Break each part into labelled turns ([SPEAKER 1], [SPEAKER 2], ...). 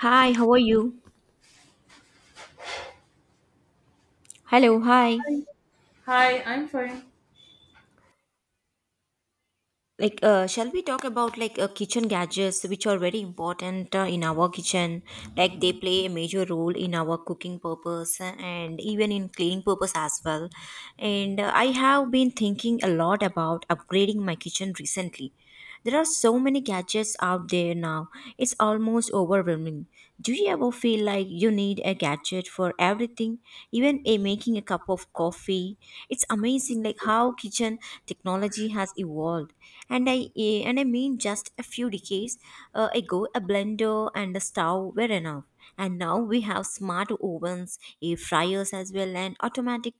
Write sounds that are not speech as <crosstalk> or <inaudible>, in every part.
[SPEAKER 1] Hi, how are you? Hello, hi.
[SPEAKER 2] Hi, I'm fine.
[SPEAKER 1] Shall we talk about kitchen gadgets, which are very important in our kitchen? Like, they play a major role in our cooking purpose, and even in cleaning purpose as well. And uh, i have been thinking a lot about upgrading my kitchen recently. There are so many gadgets out there now. It's almost overwhelming. Do you ever feel like you need a gadget for everything, even a making a cup of coffee? It's amazing like how kitchen technology has evolved. And I eh, and I mean, just a few decades ago, a blender and a stove were enough, and now we have smart ovens, air fryers as well, and automatic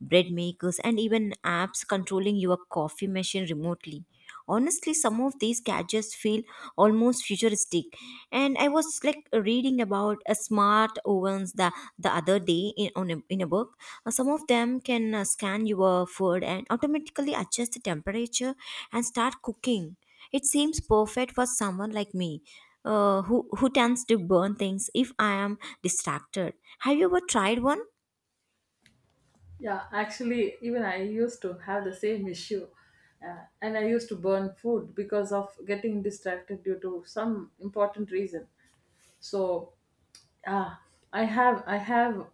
[SPEAKER 1] bread makers, and even apps controlling your coffee machine remotely. Honestly, some of these gadgets feel almost futuristic. And I was like reading about a smart ovens the other day in a book. Some of them can scan your food and automatically adjust the temperature and start cooking. It seems perfect for someone like me, who tends to burn things if I am distracted. Have you ever tried one?
[SPEAKER 2] Yeah, actually, even I used to have the same issue. And I used to burn food because of getting distracted due to some important reason. So, uh, I have, I have,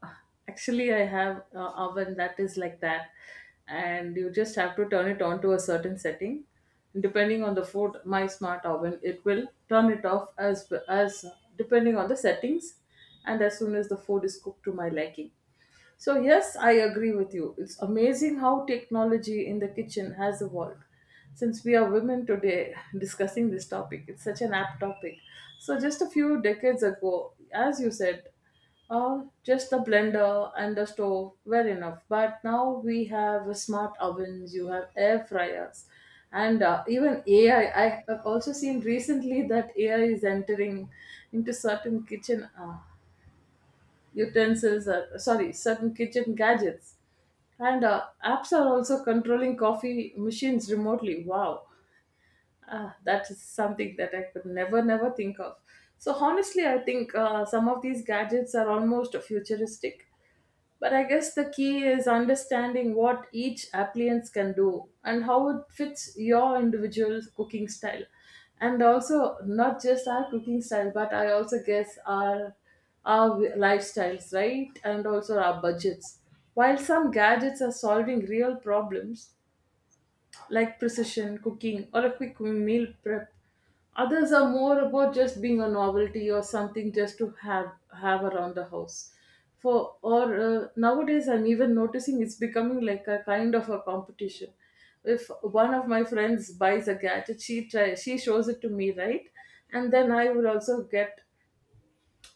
[SPEAKER 2] actually, I have a oven that is like that. And you just have to turn it on to a certain setting. Depending on the food, my smart oven, it will turn it off as depending on the settings and as soon as the food is cooked to my liking. So, yes, I agree with you. It's amazing how technology in the kitchen has evolved. Since we are women today <laughs> discussing this topic, it's such an apt topic. So, just a few decades ago, as you said, just a blender and a stove were enough. But now we have smart ovens, you have air fryers, and even AI. I have also seen recently that AI is entering into certain kitchen. Utensils, or, sorry, certain kitchen gadgets. And apps are also controlling coffee machines remotely. Wow, ah, that is something that I could never, never think of. So, honestly, I think some of these gadgets are almost futuristic, but I guess the key is understanding what each appliance can do and how it fits your individual cooking style. And also, not just our cooking style, but I also guess our lifestyles, right? And also our budgets. While some gadgets are solving real problems, like precision cooking or a quick meal prep. Others are more about just being a novelty or something just to have around the house. For or Nowadays, I'm even noticing it's becoming like a kind of a competition. If one of my friends buys a gadget, she shows it to me, right? And then I will also get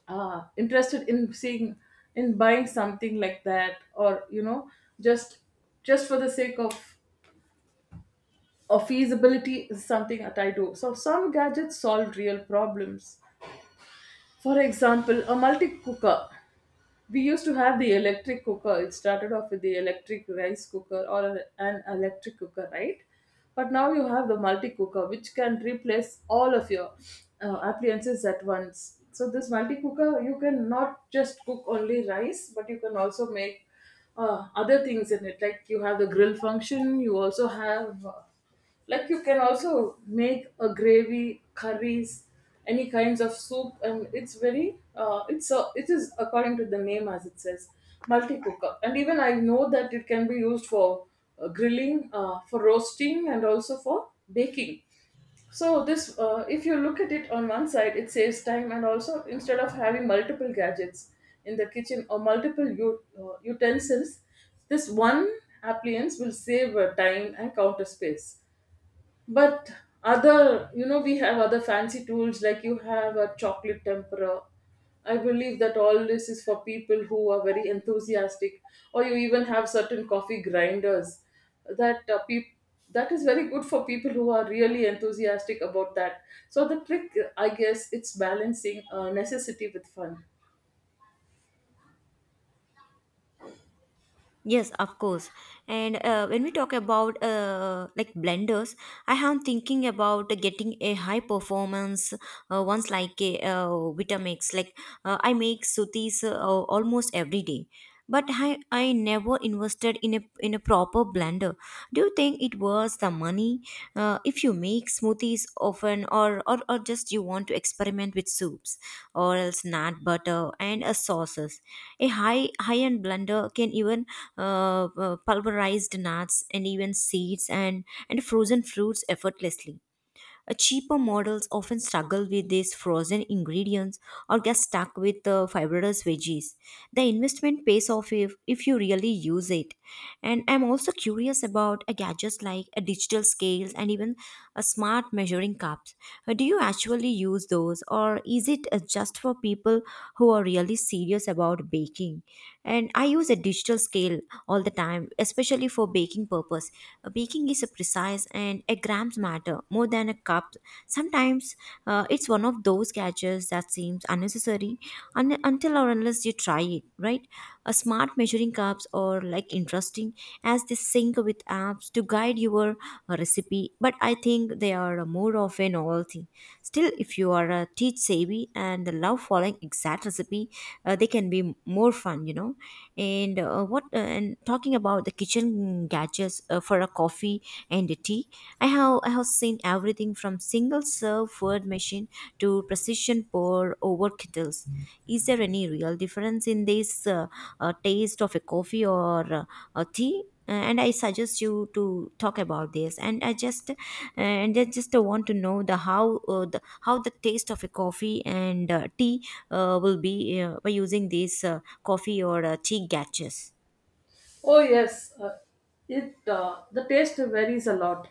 [SPEAKER 2] interested in seeing in buying something like that, or you know, just just for the sake of or feasibility is something that I do. So some gadgets solve real problems. For example, a multi cooker. We used to have the electric cooker. It started off with the electric rice cooker or an electric cooker, right? But now you have the multi cooker, which can replace all of your appliances at once. So this multi cooker, you can not just cook only rice, but you can also make other things in it. Like you have the grill function. You also have like you can also make a gravy curries, any kinds of soup, and it's very it's a, it is according to the name as it says multi cooker. And even I know that it can be used for grilling, for roasting, and also for baking. So this, if you look at it on one side, it saves time, and also instead of having multiple gadgets in the kitchen or multiple utensils, this one appliance will save time and counter space. But other, you know, we have other fancy tools like you have a chocolate temperer. I believe that all this is for people who are very enthusiastic, or you even have certain coffee grinders that that is very good for people who are really enthusiastic about that. So the trick, I guess, it's balancing necessity with fun.
[SPEAKER 1] Yes, of course. And When we talk about like blenders, I am thinking about getting a high performance ones like a Vitamix. Like, I make sutis almost every day, but I never invested in a proper blender. Do you think it was the money if you make smoothies often, or just you want to experiment with soups or else nut butter and sauces? A high end blender can even pulverized nuts and even seeds and frozen fruits effortlessly. Cheaper models often struggle with these frozen ingredients or get stuck with fibrous veggies. The investment pays off if you really use it. And I'm also curious about a gadgets like a digital scales and even a smart measuring cups. Do you actually use those, or is it just for people who are really serious about baking? And I use a digital scale all the time, especially for baking purpose. Baking is a precise and a grams matter more than a cup. Sometimes it's one of those gadgets that seems unnecessary until or unless you try it, right? A smart measuring cups or like interesting, as they sync with apps to guide your recipe, but I think they are more of a novelty. Still, if you are a teach savvy and love following exact recipe, they can be more fun. And talking about the kitchen gadgets for a coffee and a tea, I have seen everything from single serve word machine to precision pour over kettles. Is there any real difference in this taste of a coffee or a tea? And I suggest you to talk about this. And I just want to know the how the how the taste of a coffee and tea will be by using these coffee or tea gadgets.
[SPEAKER 2] Oh yes, it the taste varies a lot.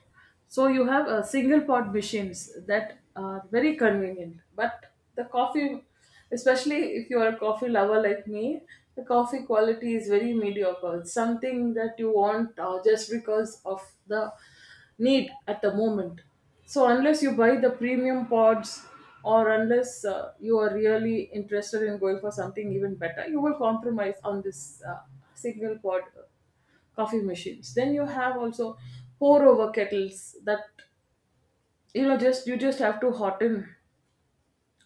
[SPEAKER 2] So you have a single pot machines that are very convenient. But the coffee, especially if you are a coffee lover like me, the coffee quality is very mediocre. It's something that you want just because of the need at the moment. So unless you buy the premium pods, or unless you are really interested in going for something even better, you will compromise on this single pod coffee machines. Then you have also pour over kettles that, you know, just you just have to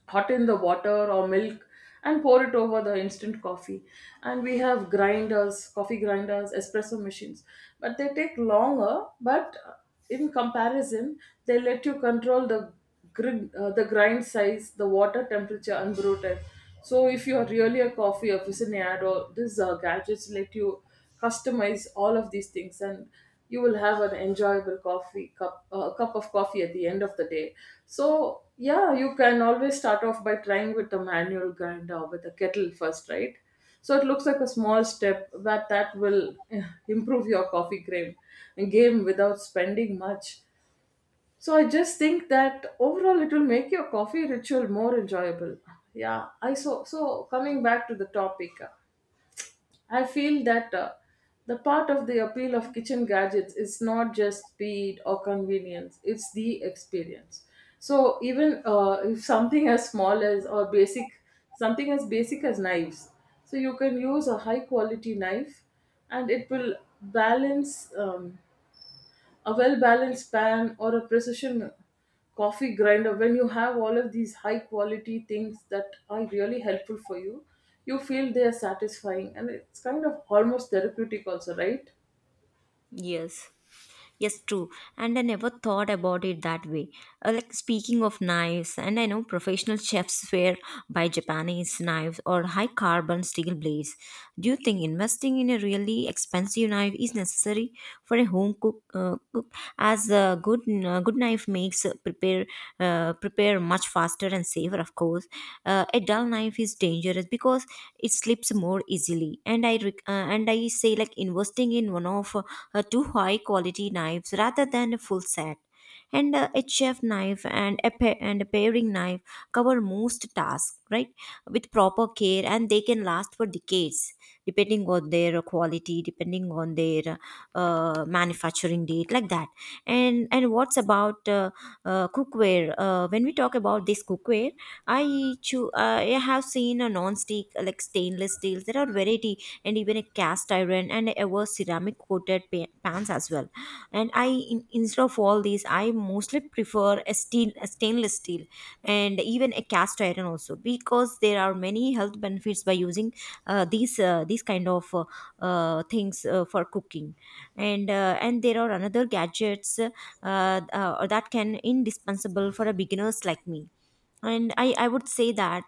[SPEAKER 2] hot in the water or milk and pour it over the instant coffee. And we have grinders, coffee grinders, espresso machines, but they take longer. But in comparison, they let you control the the grind size, the water temperature, and brew time. So if you are really a coffee aficionado, these gadgets let you customize all of these things and you will have an enjoyable coffee cup cup of coffee at the end of the day. So yeah, you can always start off by trying with a manual grinder with a kettle first, right? So it looks like a small step, but that will improve your coffee game game without spending much. So I just think that overall it will make your coffee ritual more enjoyable. Yeah, I coming back to the topic. I feel that the part of the appeal of kitchen gadgets is not just speed or convenience, it's the experience. So even if something as basic as knives, so you can use a high quality knife and it will balance a well balanced pan or a precision coffee grinder. When you have all of these high quality things that are really helpful for you, you feel they are satisfying and it's kind of almost therapeutic also, right?
[SPEAKER 1] Yes. Yes, true. And I never thought about it that way. Like, speaking of knives, and I know professional chefs swear by Japanese knives or high carbon steel blades. Do you think investing in a really expensive knife is necessary for a home cook? Cook as a good good knife makes prepare prepare much faster and safer, of course. A dull knife is dangerous because it slips more easily, and and I say like investing in one of two high quality knives rather than a full set, and a chef knife and a and a paring knife cover most tasks, right? With proper care, and they can last for decades, depending on their quality, depending on their manufacturing date like that. And what's about cookware? When we talk about this cookware, I have seen a non-stick like stainless steels. There are variety, and even a cast iron and ever ceramic coated pans as well. And instead of all these, I mostly prefer a steel, a stainless steel, and even a cast iron also, because there are many health benefits by using these kind of things for cooking. And there are another gadgets or that can indispensable for a beginners like me, and I would say that,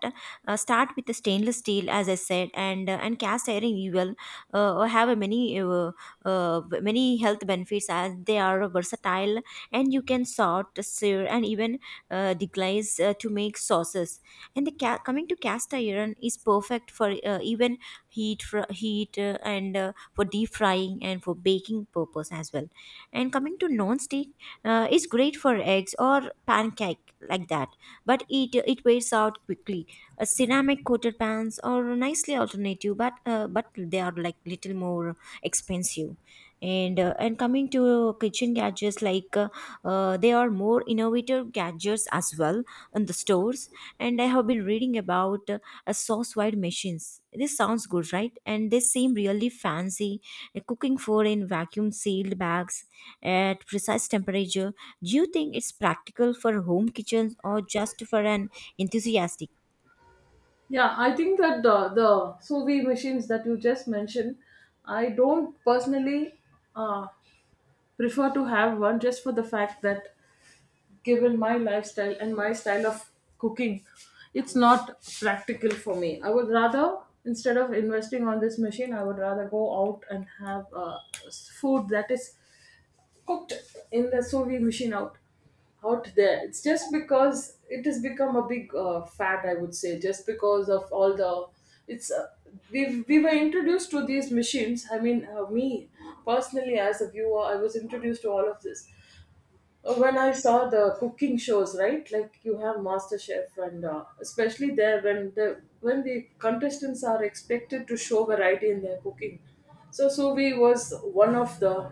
[SPEAKER 1] start with the stainless steel as I said, and cast iron. You will have a many uh, many health benefits, as they are versatile and you can sort sear and even deglaze to make sauces. And coming to cast iron is perfect for even heat and for deep frying and for baking purpose as well. And coming to non-stick, is great for eggs or pancake like that, but it wears out quickly. Ceramic coated pans are a nicely alternative, but they are like little more expensive. And coming to kitchen gadgets like, there are more innovative gadgets as well in the stores, and I have been reading about a sauce wide machines. This sounds good, right? And they seem really fancy, cooking food in vacuum sealed bags at precise temperature. Do you think it's practical for home kitchens, or just for an enthusiastic?
[SPEAKER 2] Yeah, I think that the sous vide machines that you just mentioned, I don't personally uh, prefer to have one, just for the fact that given my lifestyle and my style of cooking, it's not practical for me. I would rather, instead of investing on this machine, I would rather go out and have food that is cooked in the sous vide machine out there. It's just because it has become a big fad, I would say, just because of all the. It's we were introduced to these machines. I mean, me personally as a viewer, I was introduced to all of this when I saw the cooking shows, right? Like you have MasterChef, and especially there when the contestants are expected to show variety in their cooking. So sous vide was one of the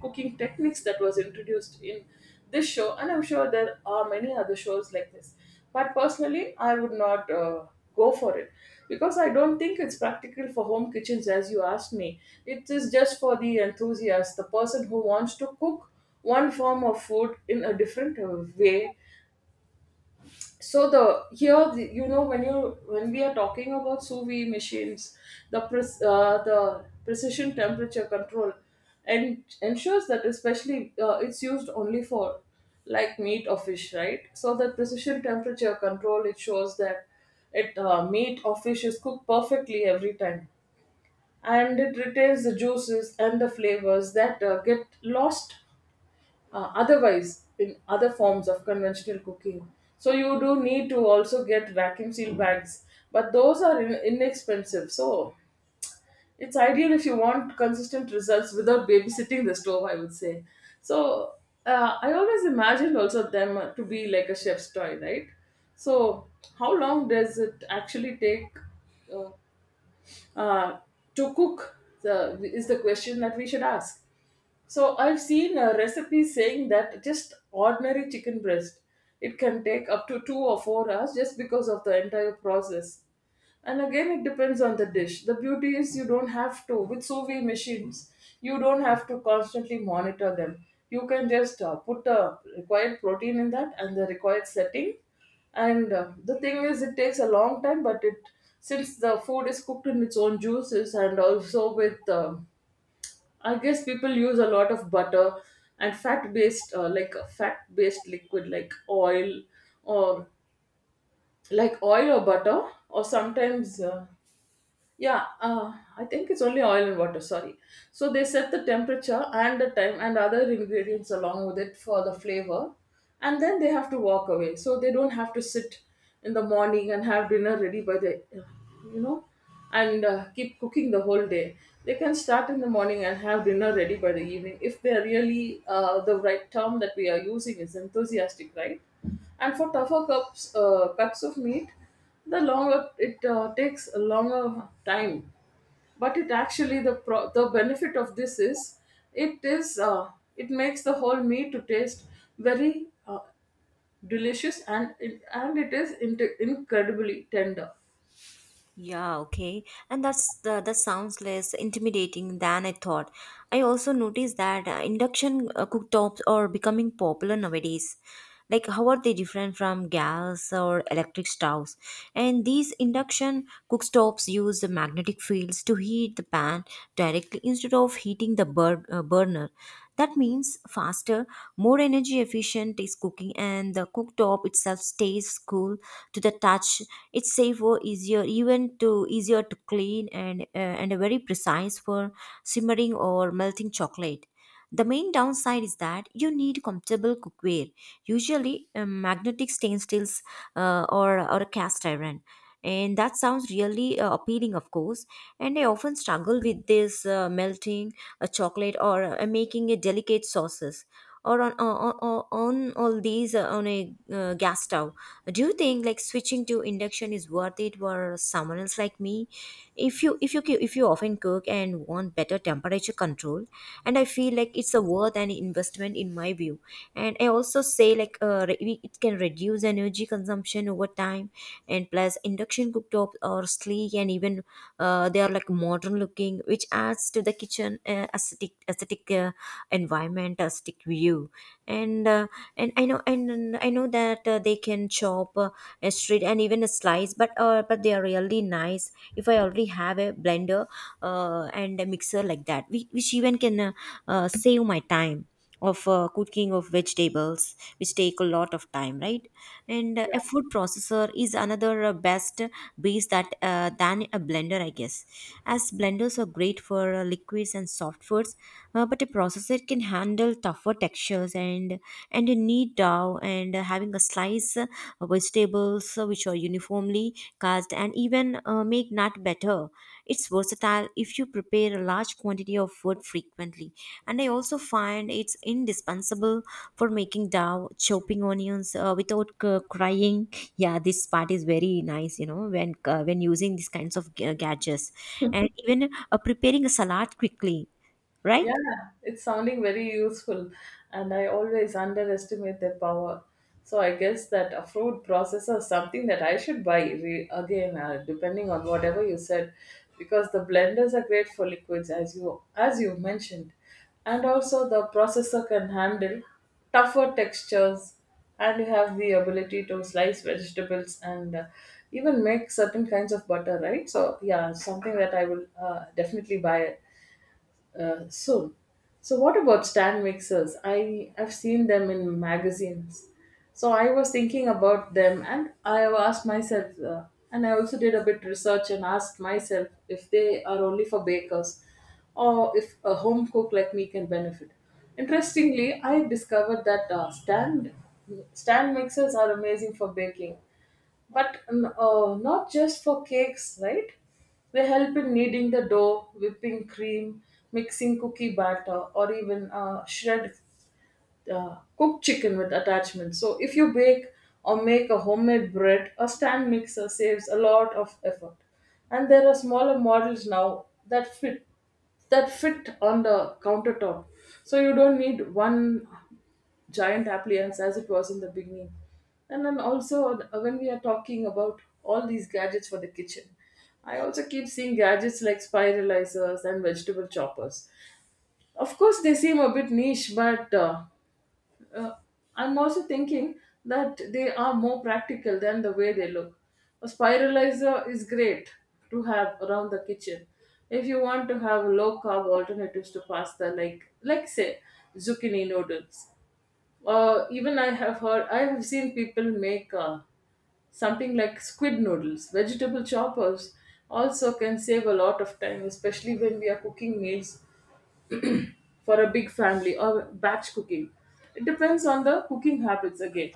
[SPEAKER 2] cooking techniques that was introduced in this show, and I'm sure there are many other shows like this. But personally I would not go for it, because I don't think it's practical for home kitchens, as you asked me. It is just for the enthusiast, the person who wants to cook one form of food in a different way. So the here, you know, when we are talking about sous vide machines, the precision temperature control and ensures that, especially it's used only for like meat or fish, right? So that precision temperature control, it shows that it meat or fish is cooked perfectly every time, and it retains the juices and the flavors that get lost otherwise in other forms of conventional cooking. So you do need to also get vacuum sealed bags, but those are inexpensive. So it's ideal if you want consistent results without babysitting the stove, I would say. So I always imagined also them to be like a chef's toy, right? So how long does it actually take uh, uh, to cook, is the question that we should ask. So I've seen a recipe saying that just ordinary chicken breast, it can take up to 2 or 4 hours just because of the entire process. And again, it depends on the dish. The beauty is you don't have to, with sous vide machines, you don't have to constantly monitor them. You can just put the required protein in that and the required setting. And the thing is, it takes a long time, but it since the food is cooked in its own juices and also with I guess people use a lot of butter and fat based, like a fat based liquid or like oil or butter, or sometimes yeah, I think it's only oil and water, sorry. So they set the temperature and the time and other ingredients along with it for the flavor. And then they have to walk away. So they don't have to sit in the morning and have dinner ready by the, you know, and keep cooking the whole day. They can start in the morning and have dinner ready by the evening if they're really, the right term that we are using is enthusiastic, right? And for tougher cuts of meat, the longer it takes a longer time, but it actually the benefit of this is it is uh, it makes the whole meat to taste very delicious, and and it is inte incredibly tender.
[SPEAKER 1] Yeah, okay. And that sounds less intimidating than I thought. I also noticed that induction cooktops are becoming popular nowadays. Like, how are they different from gas or electric stoves? And these induction cooktops use the magnetic fields to heat the pan directly instead of heating the burner. That means faster, more energy efficient is cooking, and the cooktop itself stays cool to the touch. It's safer, easier, even to easier to clean, and a very precise for simmering or melting chocolate. The main downside is that you need comfortable cookware, usually magnetic stainless or a cast iron. And that sounds really appealing, of course. And I often struggle with this melting a chocolate or making a delicate sauces or on all these on a gas stove. Do you think like switching to induction is worth it for someone else like me? If if you often cook and want better temperature control, and I feel like it's a worth an investment in my view. And I also say like, it can reduce energy consumption over time, and plus, induction cooktops are sleek and even they are like modern looking, which adds to the kitchen aesthetic aesthetic environment aesthetic view. And uh, and i know and, and I know that they can chop a straight and even a slice, but they are really nice if I already have a blender and a mixer like that, which even can save my time of cooking of vegetables, which take a lot of time, right? And a food processor is another best bees that than a blender, I guess, as blenders are great for liquids and soft foods. But a processor can handle tougher textures and a neat dough, and having a slice vegetables which are uniformly cast, and even make nut better. It's versatile if you prepare a large quantity of food frequently, and I also find it's indispensable for making dao, chopping onions without crying. Yeah, this part is very nice, you know, when using these kinds of gadgets and even preparing a salad quickly,
[SPEAKER 2] Yeah,
[SPEAKER 1] right?
[SPEAKER 2] it's sounding very useful, and I always underestimate their power. So I guess that a food processor is something that I should buy depending on whatever you said, because the blenders are great for liquids, as you mentioned, and also the processor can handle tougher textures, and you have the ability to slice vegetables and even make certain kinds of butter, right? So yeah, something that I will definitely buy soon. So what about stand mixers? I've seen them in magazines. So I was thinking about them, and I have asked myself, and I also did a bit research and asked myself if they are only for bakers, or if a home cook like me can benefit. Interestingly, I discovered that stand mixers are amazing for baking but not just for cakes, right? They help in kneading the dough, whipping cream, mixing cookie batter, or even shred cooked chicken with attachments. So if you bake or make a homemade bread, a stand mixer saves a lot of effort, and there are smaller models now that fit on the countertop, so you don't need one giant appliance as it was in the beginning. And then also, when we are talking about all these gadgets for the kitchen, I also keep seeing gadgets like spiralizers and vegetable choppers. Of course, they seem a bit niche, but uh, I'm also thinking that they are more practical than the way they look. A spiralizer is great to have around the kitchen. If you want to have low carb alternatives to pasta, like say zucchini noodles, even I have heard, I have seen people make something like squid noodles. Vegetable choppers also can save a lot of time, especially when we are cooking meals for a big family or batch cooking. It depends on the cooking habits again.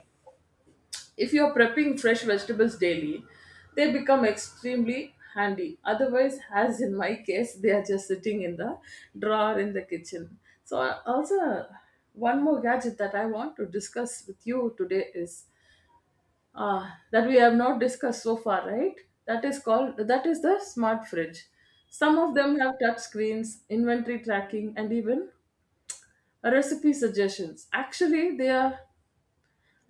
[SPEAKER 2] If you are prepping fresh vegetables daily, they become extremely handy. Otherwise, as in my case, they are just sitting in the drawer in the kitchen. So, also, one more gadget that I want to discuss with you today is that we have not discussed so far, right? That is the smart fridge. Some of them have touch screens, inventory tracking, and even recipe suggestions. Actually, they are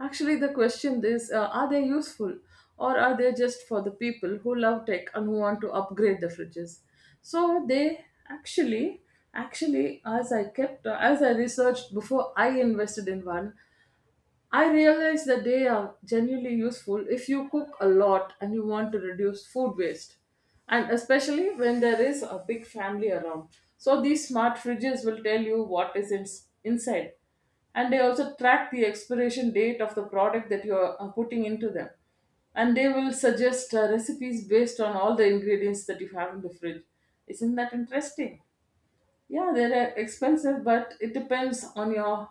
[SPEAKER 2] actually the question is: are they useful, or are they just for the people who love tech and who want to upgrade the fridges? So they actually actually as I kept as I researched before I invested in one, I realize that they are genuinely useful if you cook a lot and you want to reduce food waste, and especially when there is a big family around. So, these smart fridges will tell you what is inside, and they also track the expiration date of the product that you are putting into them. And they will suggest recipes based on all the ingredients that you have in the fridge. Isn't that interesting? Yeah, they're expensive, but it depends on your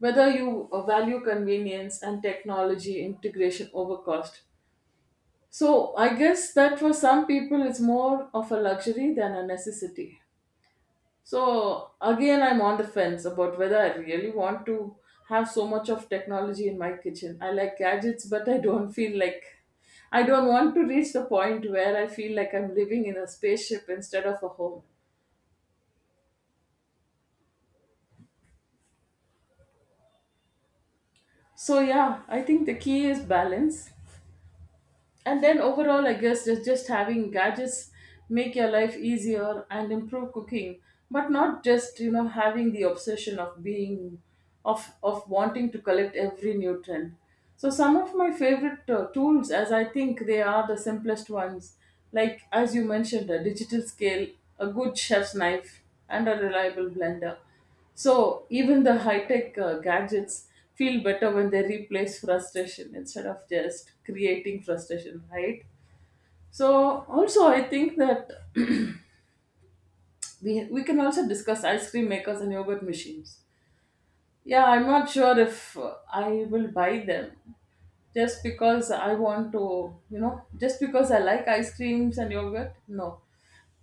[SPEAKER 2] whether you value convenience and technology integration over cost. So I guess that for some people it's more of a luxury than a necessity. So again, I'm on the fence about whether I really want to have so much of technology in my kitchen. I like gadgets, but I don't feel like I don't want to reach the point where I feel like I'm living in a spaceship instead of a home. So yeah, I think the key is balance. And then overall, I guess just having gadgets make your life easier and improve cooking, but not just having the obsession of being of wanting to collect every nutrient. So some of my favorite tools, as I think, they are the simplest ones, like as you mentioned, a digital scale, a good chef's knife, and a reliable blender. So even the high-tech gadgets feel better when they replace frustration instead of just creating frustration, right? So also I think that <clears throat> we can also discuss ice cream makers and yogurt machines. Yeah, I'm not sure if I will buy them just because I want to, just because I like ice creams and yogurt. No,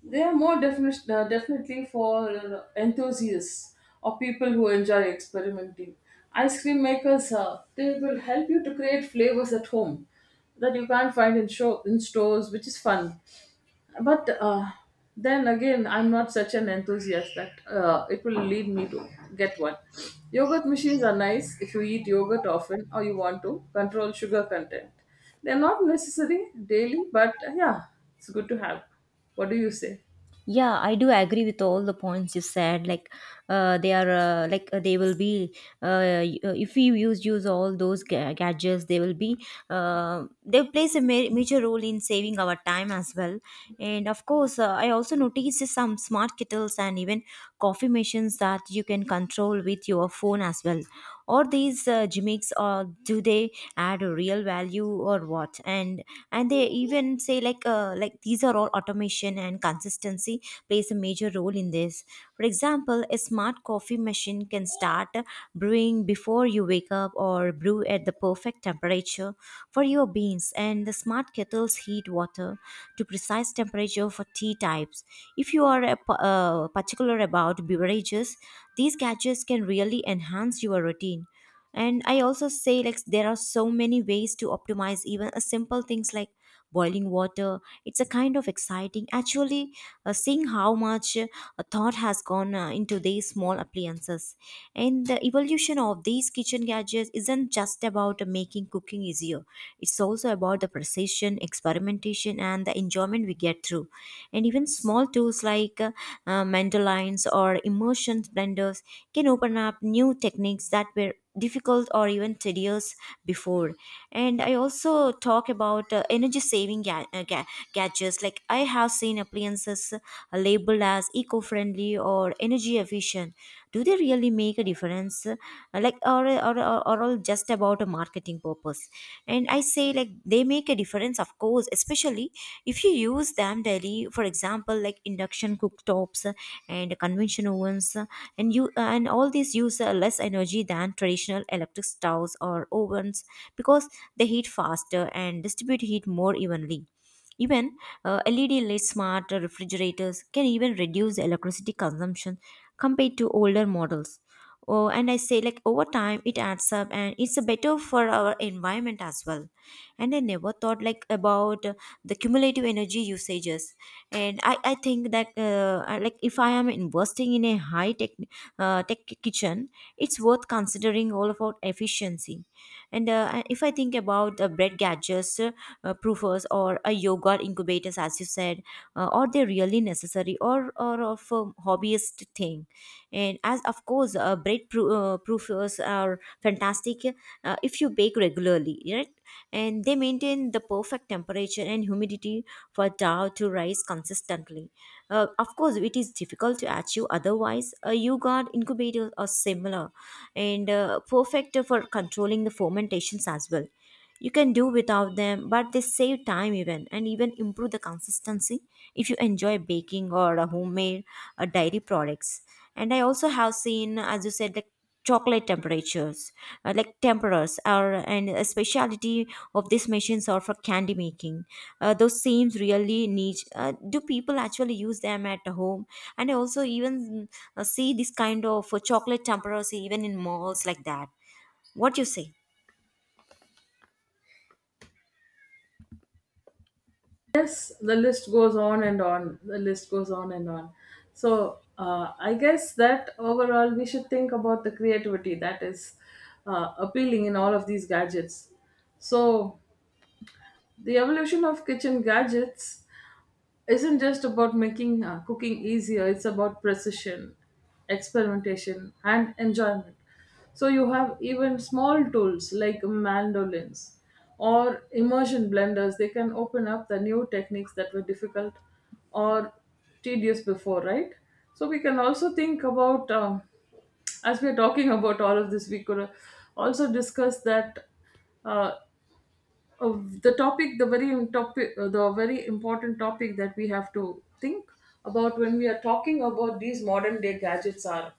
[SPEAKER 2] they are definitely for enthusiasts or people who enjoy experimenting. Ice cream makers, they will help you to create flavors at home that you can't find in stores, which is fun, but then again, I'm not such an enthusiast that it will lead me to get one. Yogurt machines are nice if you eat yogurt often or you want to control sugar content. They're not necessary daily, but yeah, it's good to have. What do you say?
[SPEAKER 1] Yeah, I do agree with all the points you said. Like, they are like they will be if we use all those gadgets, they will be they plays a major role in saving our time as well. And of course, I also noticed some smart kettles and even coffee machines that you can control with your phone as well. Or these gimmicks, or do they add a real value or what? And they even say like these are all automation and consistency plays a major role in this. For example, a smart coffee machine can start brewing before you wake up or brew at the perfect temperature for your beans, and the smart kettles heat water to precise temperature for tea types. If you are particular about beverages, these gadgets can really enhance your routine. And I also say like there are so many ways to optimize even a simple things like boiling water. It's a kind of exciting actually, seeing how much thought has gone into these small appliances. And the evolution of these kitchen gadgets isn't just about making cooking easier. It's also about the precision, experimentation, and the enjoyment we get through. And even small tools like mandolines or immersion blenders can open up new techniques that were difficult or even tedious before. And I also talk about energy saving gadgets. Like, I have seen appliances labeled as eco-friendly or energy efficient. Do they really make a difference? Like, or, or, all just about a marketing purpose? And I say like they make a difference, of course, especially if you use them daily. For example, like induction cooktops and convention ovens, and you and all these use less energy than traditional electric stoves or ovens, because they heat faster and distribute heat more evenly. Even led light smart refrigerators can even reduce electricity consumption compared to older models. Oh, and I say like over time it adds up and it's better for our environment as well. And I never thought like about the cumulative energy usages. And I think that like if I am investing in a high tech tech kitchen, it's worth considering all about efficiency. And if I think about the bread gadgets, proofers, or a yogurt incubators, as you said, are they really necessary or of a hobbyist thing? And as of course, bread proofers are fantastic, if you bake regularly, right? And they maintain the perfect temperature and humidity for dough to rise consistently. Of course, it is difficult to achieve otherwise. You got incubators are similar and perfect for controlling the fermentations as well. You can do without them, but they save time even and even improve the consistency if you enjoy baking or homemade dairy products. And I also have seen, as you said, like chocolate temperatures, temperers are and a specialty of these machines are for candy making. Those seems really niche. Do people actually use them at home? And I also even see this kind of chocolate temperers even in malls like that, what you say.
[SPEAKER 2] Yes, the list goes on and on. So I guess that overall we should think about the creativity that is appealing in all of these gadgets. So the evolution of kitchen gadgets isn't just about making cooking easier, it's about precision, experimentation, and enjoyment. So, you have even small tools like mandolins or immersion blenders, they can open up the new techniques that were difficult or tedious before, right? So, we can also think about as we are talking about all of this, we could also discuss that uh, of the topic the very im- topic the very important topic that we have to think about when we are talking about these modern day gadgets are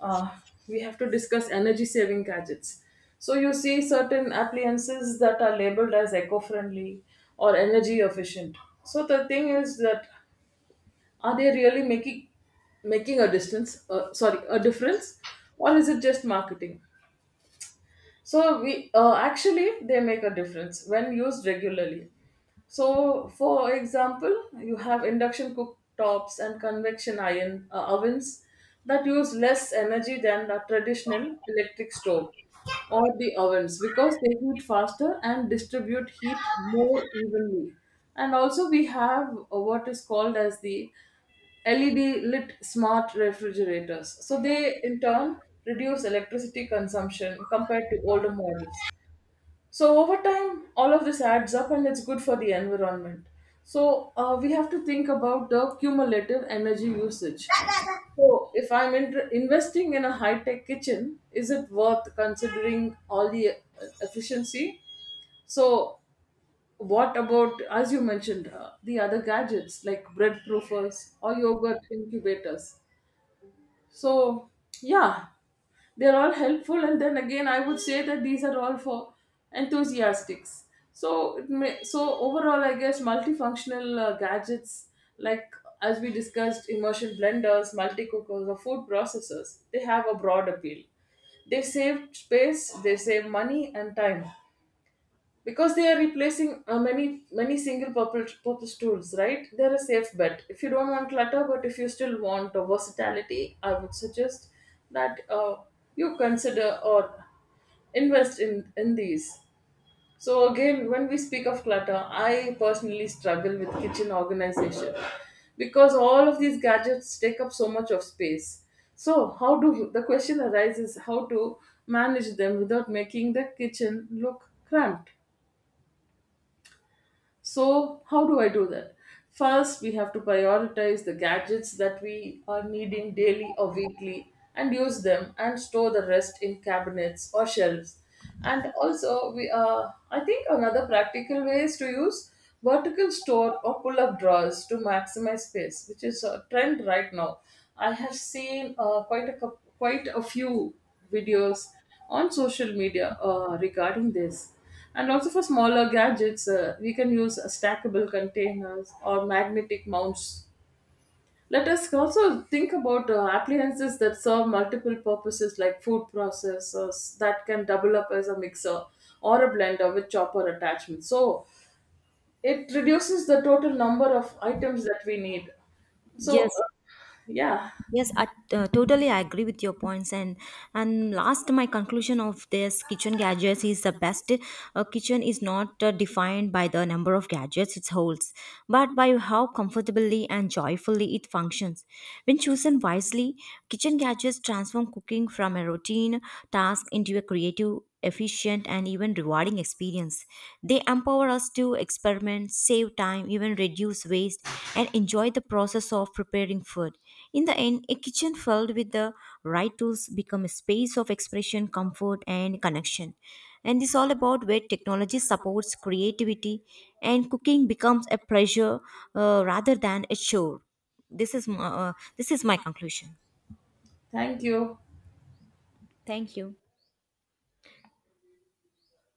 [SPEAKER 2] uh, we have to discuss energy saving gadgets. So you see certain appliances that are labeled as eco friendly or energy efficient. So the thing is that, are they really making a distance sorry a difference, or is it just marketing? So we actually they make a difference when used regularly. So for example, you have induction cooktops and convection iron ovens that use less energy than the traditional electric stove or the ovens because they heat faster and distribute heat more evenly. And also we have what is called as the LED lit smart refrigerators. So they in turn reduce electricity consumption compared to older models. So over time, all of this adds up and it's good for the environment. So we have to think about the cumulative energy usage. So if I'm investing in a high-tech kitchen, is it worth considering all the efficiency? So what about, as you mentioned, the other gadgets like bread proofers or yogurt incubators? So, yeah, they're all helpful. And then again, I would say that these are all for enthusiastics. So, overall, I guess multifunctional gadgets like, as we discussed, immersion blenders, multi cookers, or food processors, they have a broad appeal. They save space, they save money and time because they are replacing many single purpose tools, right? They're a safe bet if you don't want clutter, but if you still want versatility, I would suggest that you consider or invest in these. So again, when we speak of clutter, I personally struggle with kitchen organization because all of these gadgets take up so much of space. So how do the question arises, how to manage them without making the kitchen look cramped? So, how do I do that? First, we have to prioritize the gadgets that we are needing daily or weekly and use them and store the rest in cabinets or shelves. And also, we I think another practical way is to use vertical store or pull up drawers to maximize space, which is a trend right now. I have seen quite a few videos on social media regarding this. And also for smaller gadgets, we can use stackable containers or magnetic mounts. Let us also think about appliances that serve multiple purposes, like food processors that can double up as a mixer or a blender with chopper attachment. So it reduces the total number of items that we need. So,
[SPEAKER 1] Yes.
[SPEAKER 2] yeah,
[SPEAKER 1] Yes, I totally agree with your points. And last, my conclusion of this kitchen gadgets is the best. A kitchen is not defined by the number of gadgets it holds, but by how comfortably and joyfully it functions. When chosen wisely, kitchen gadgets transform cooking from a routine task into a creative, efficient, and even rewarding experience. They empower us to experiment, save time, even reduce waste, and enjoy the process of preparing food. In the end, a kitchen filled with the right tools become a space of expression, comfort, and connection. And this all about where technology supports creativity and cooking becomes a pleasure, rather than a chore. This is my, this is my conclusion.
[SPEAKER 2] thank you.
[SPEAKER 1] Thank you.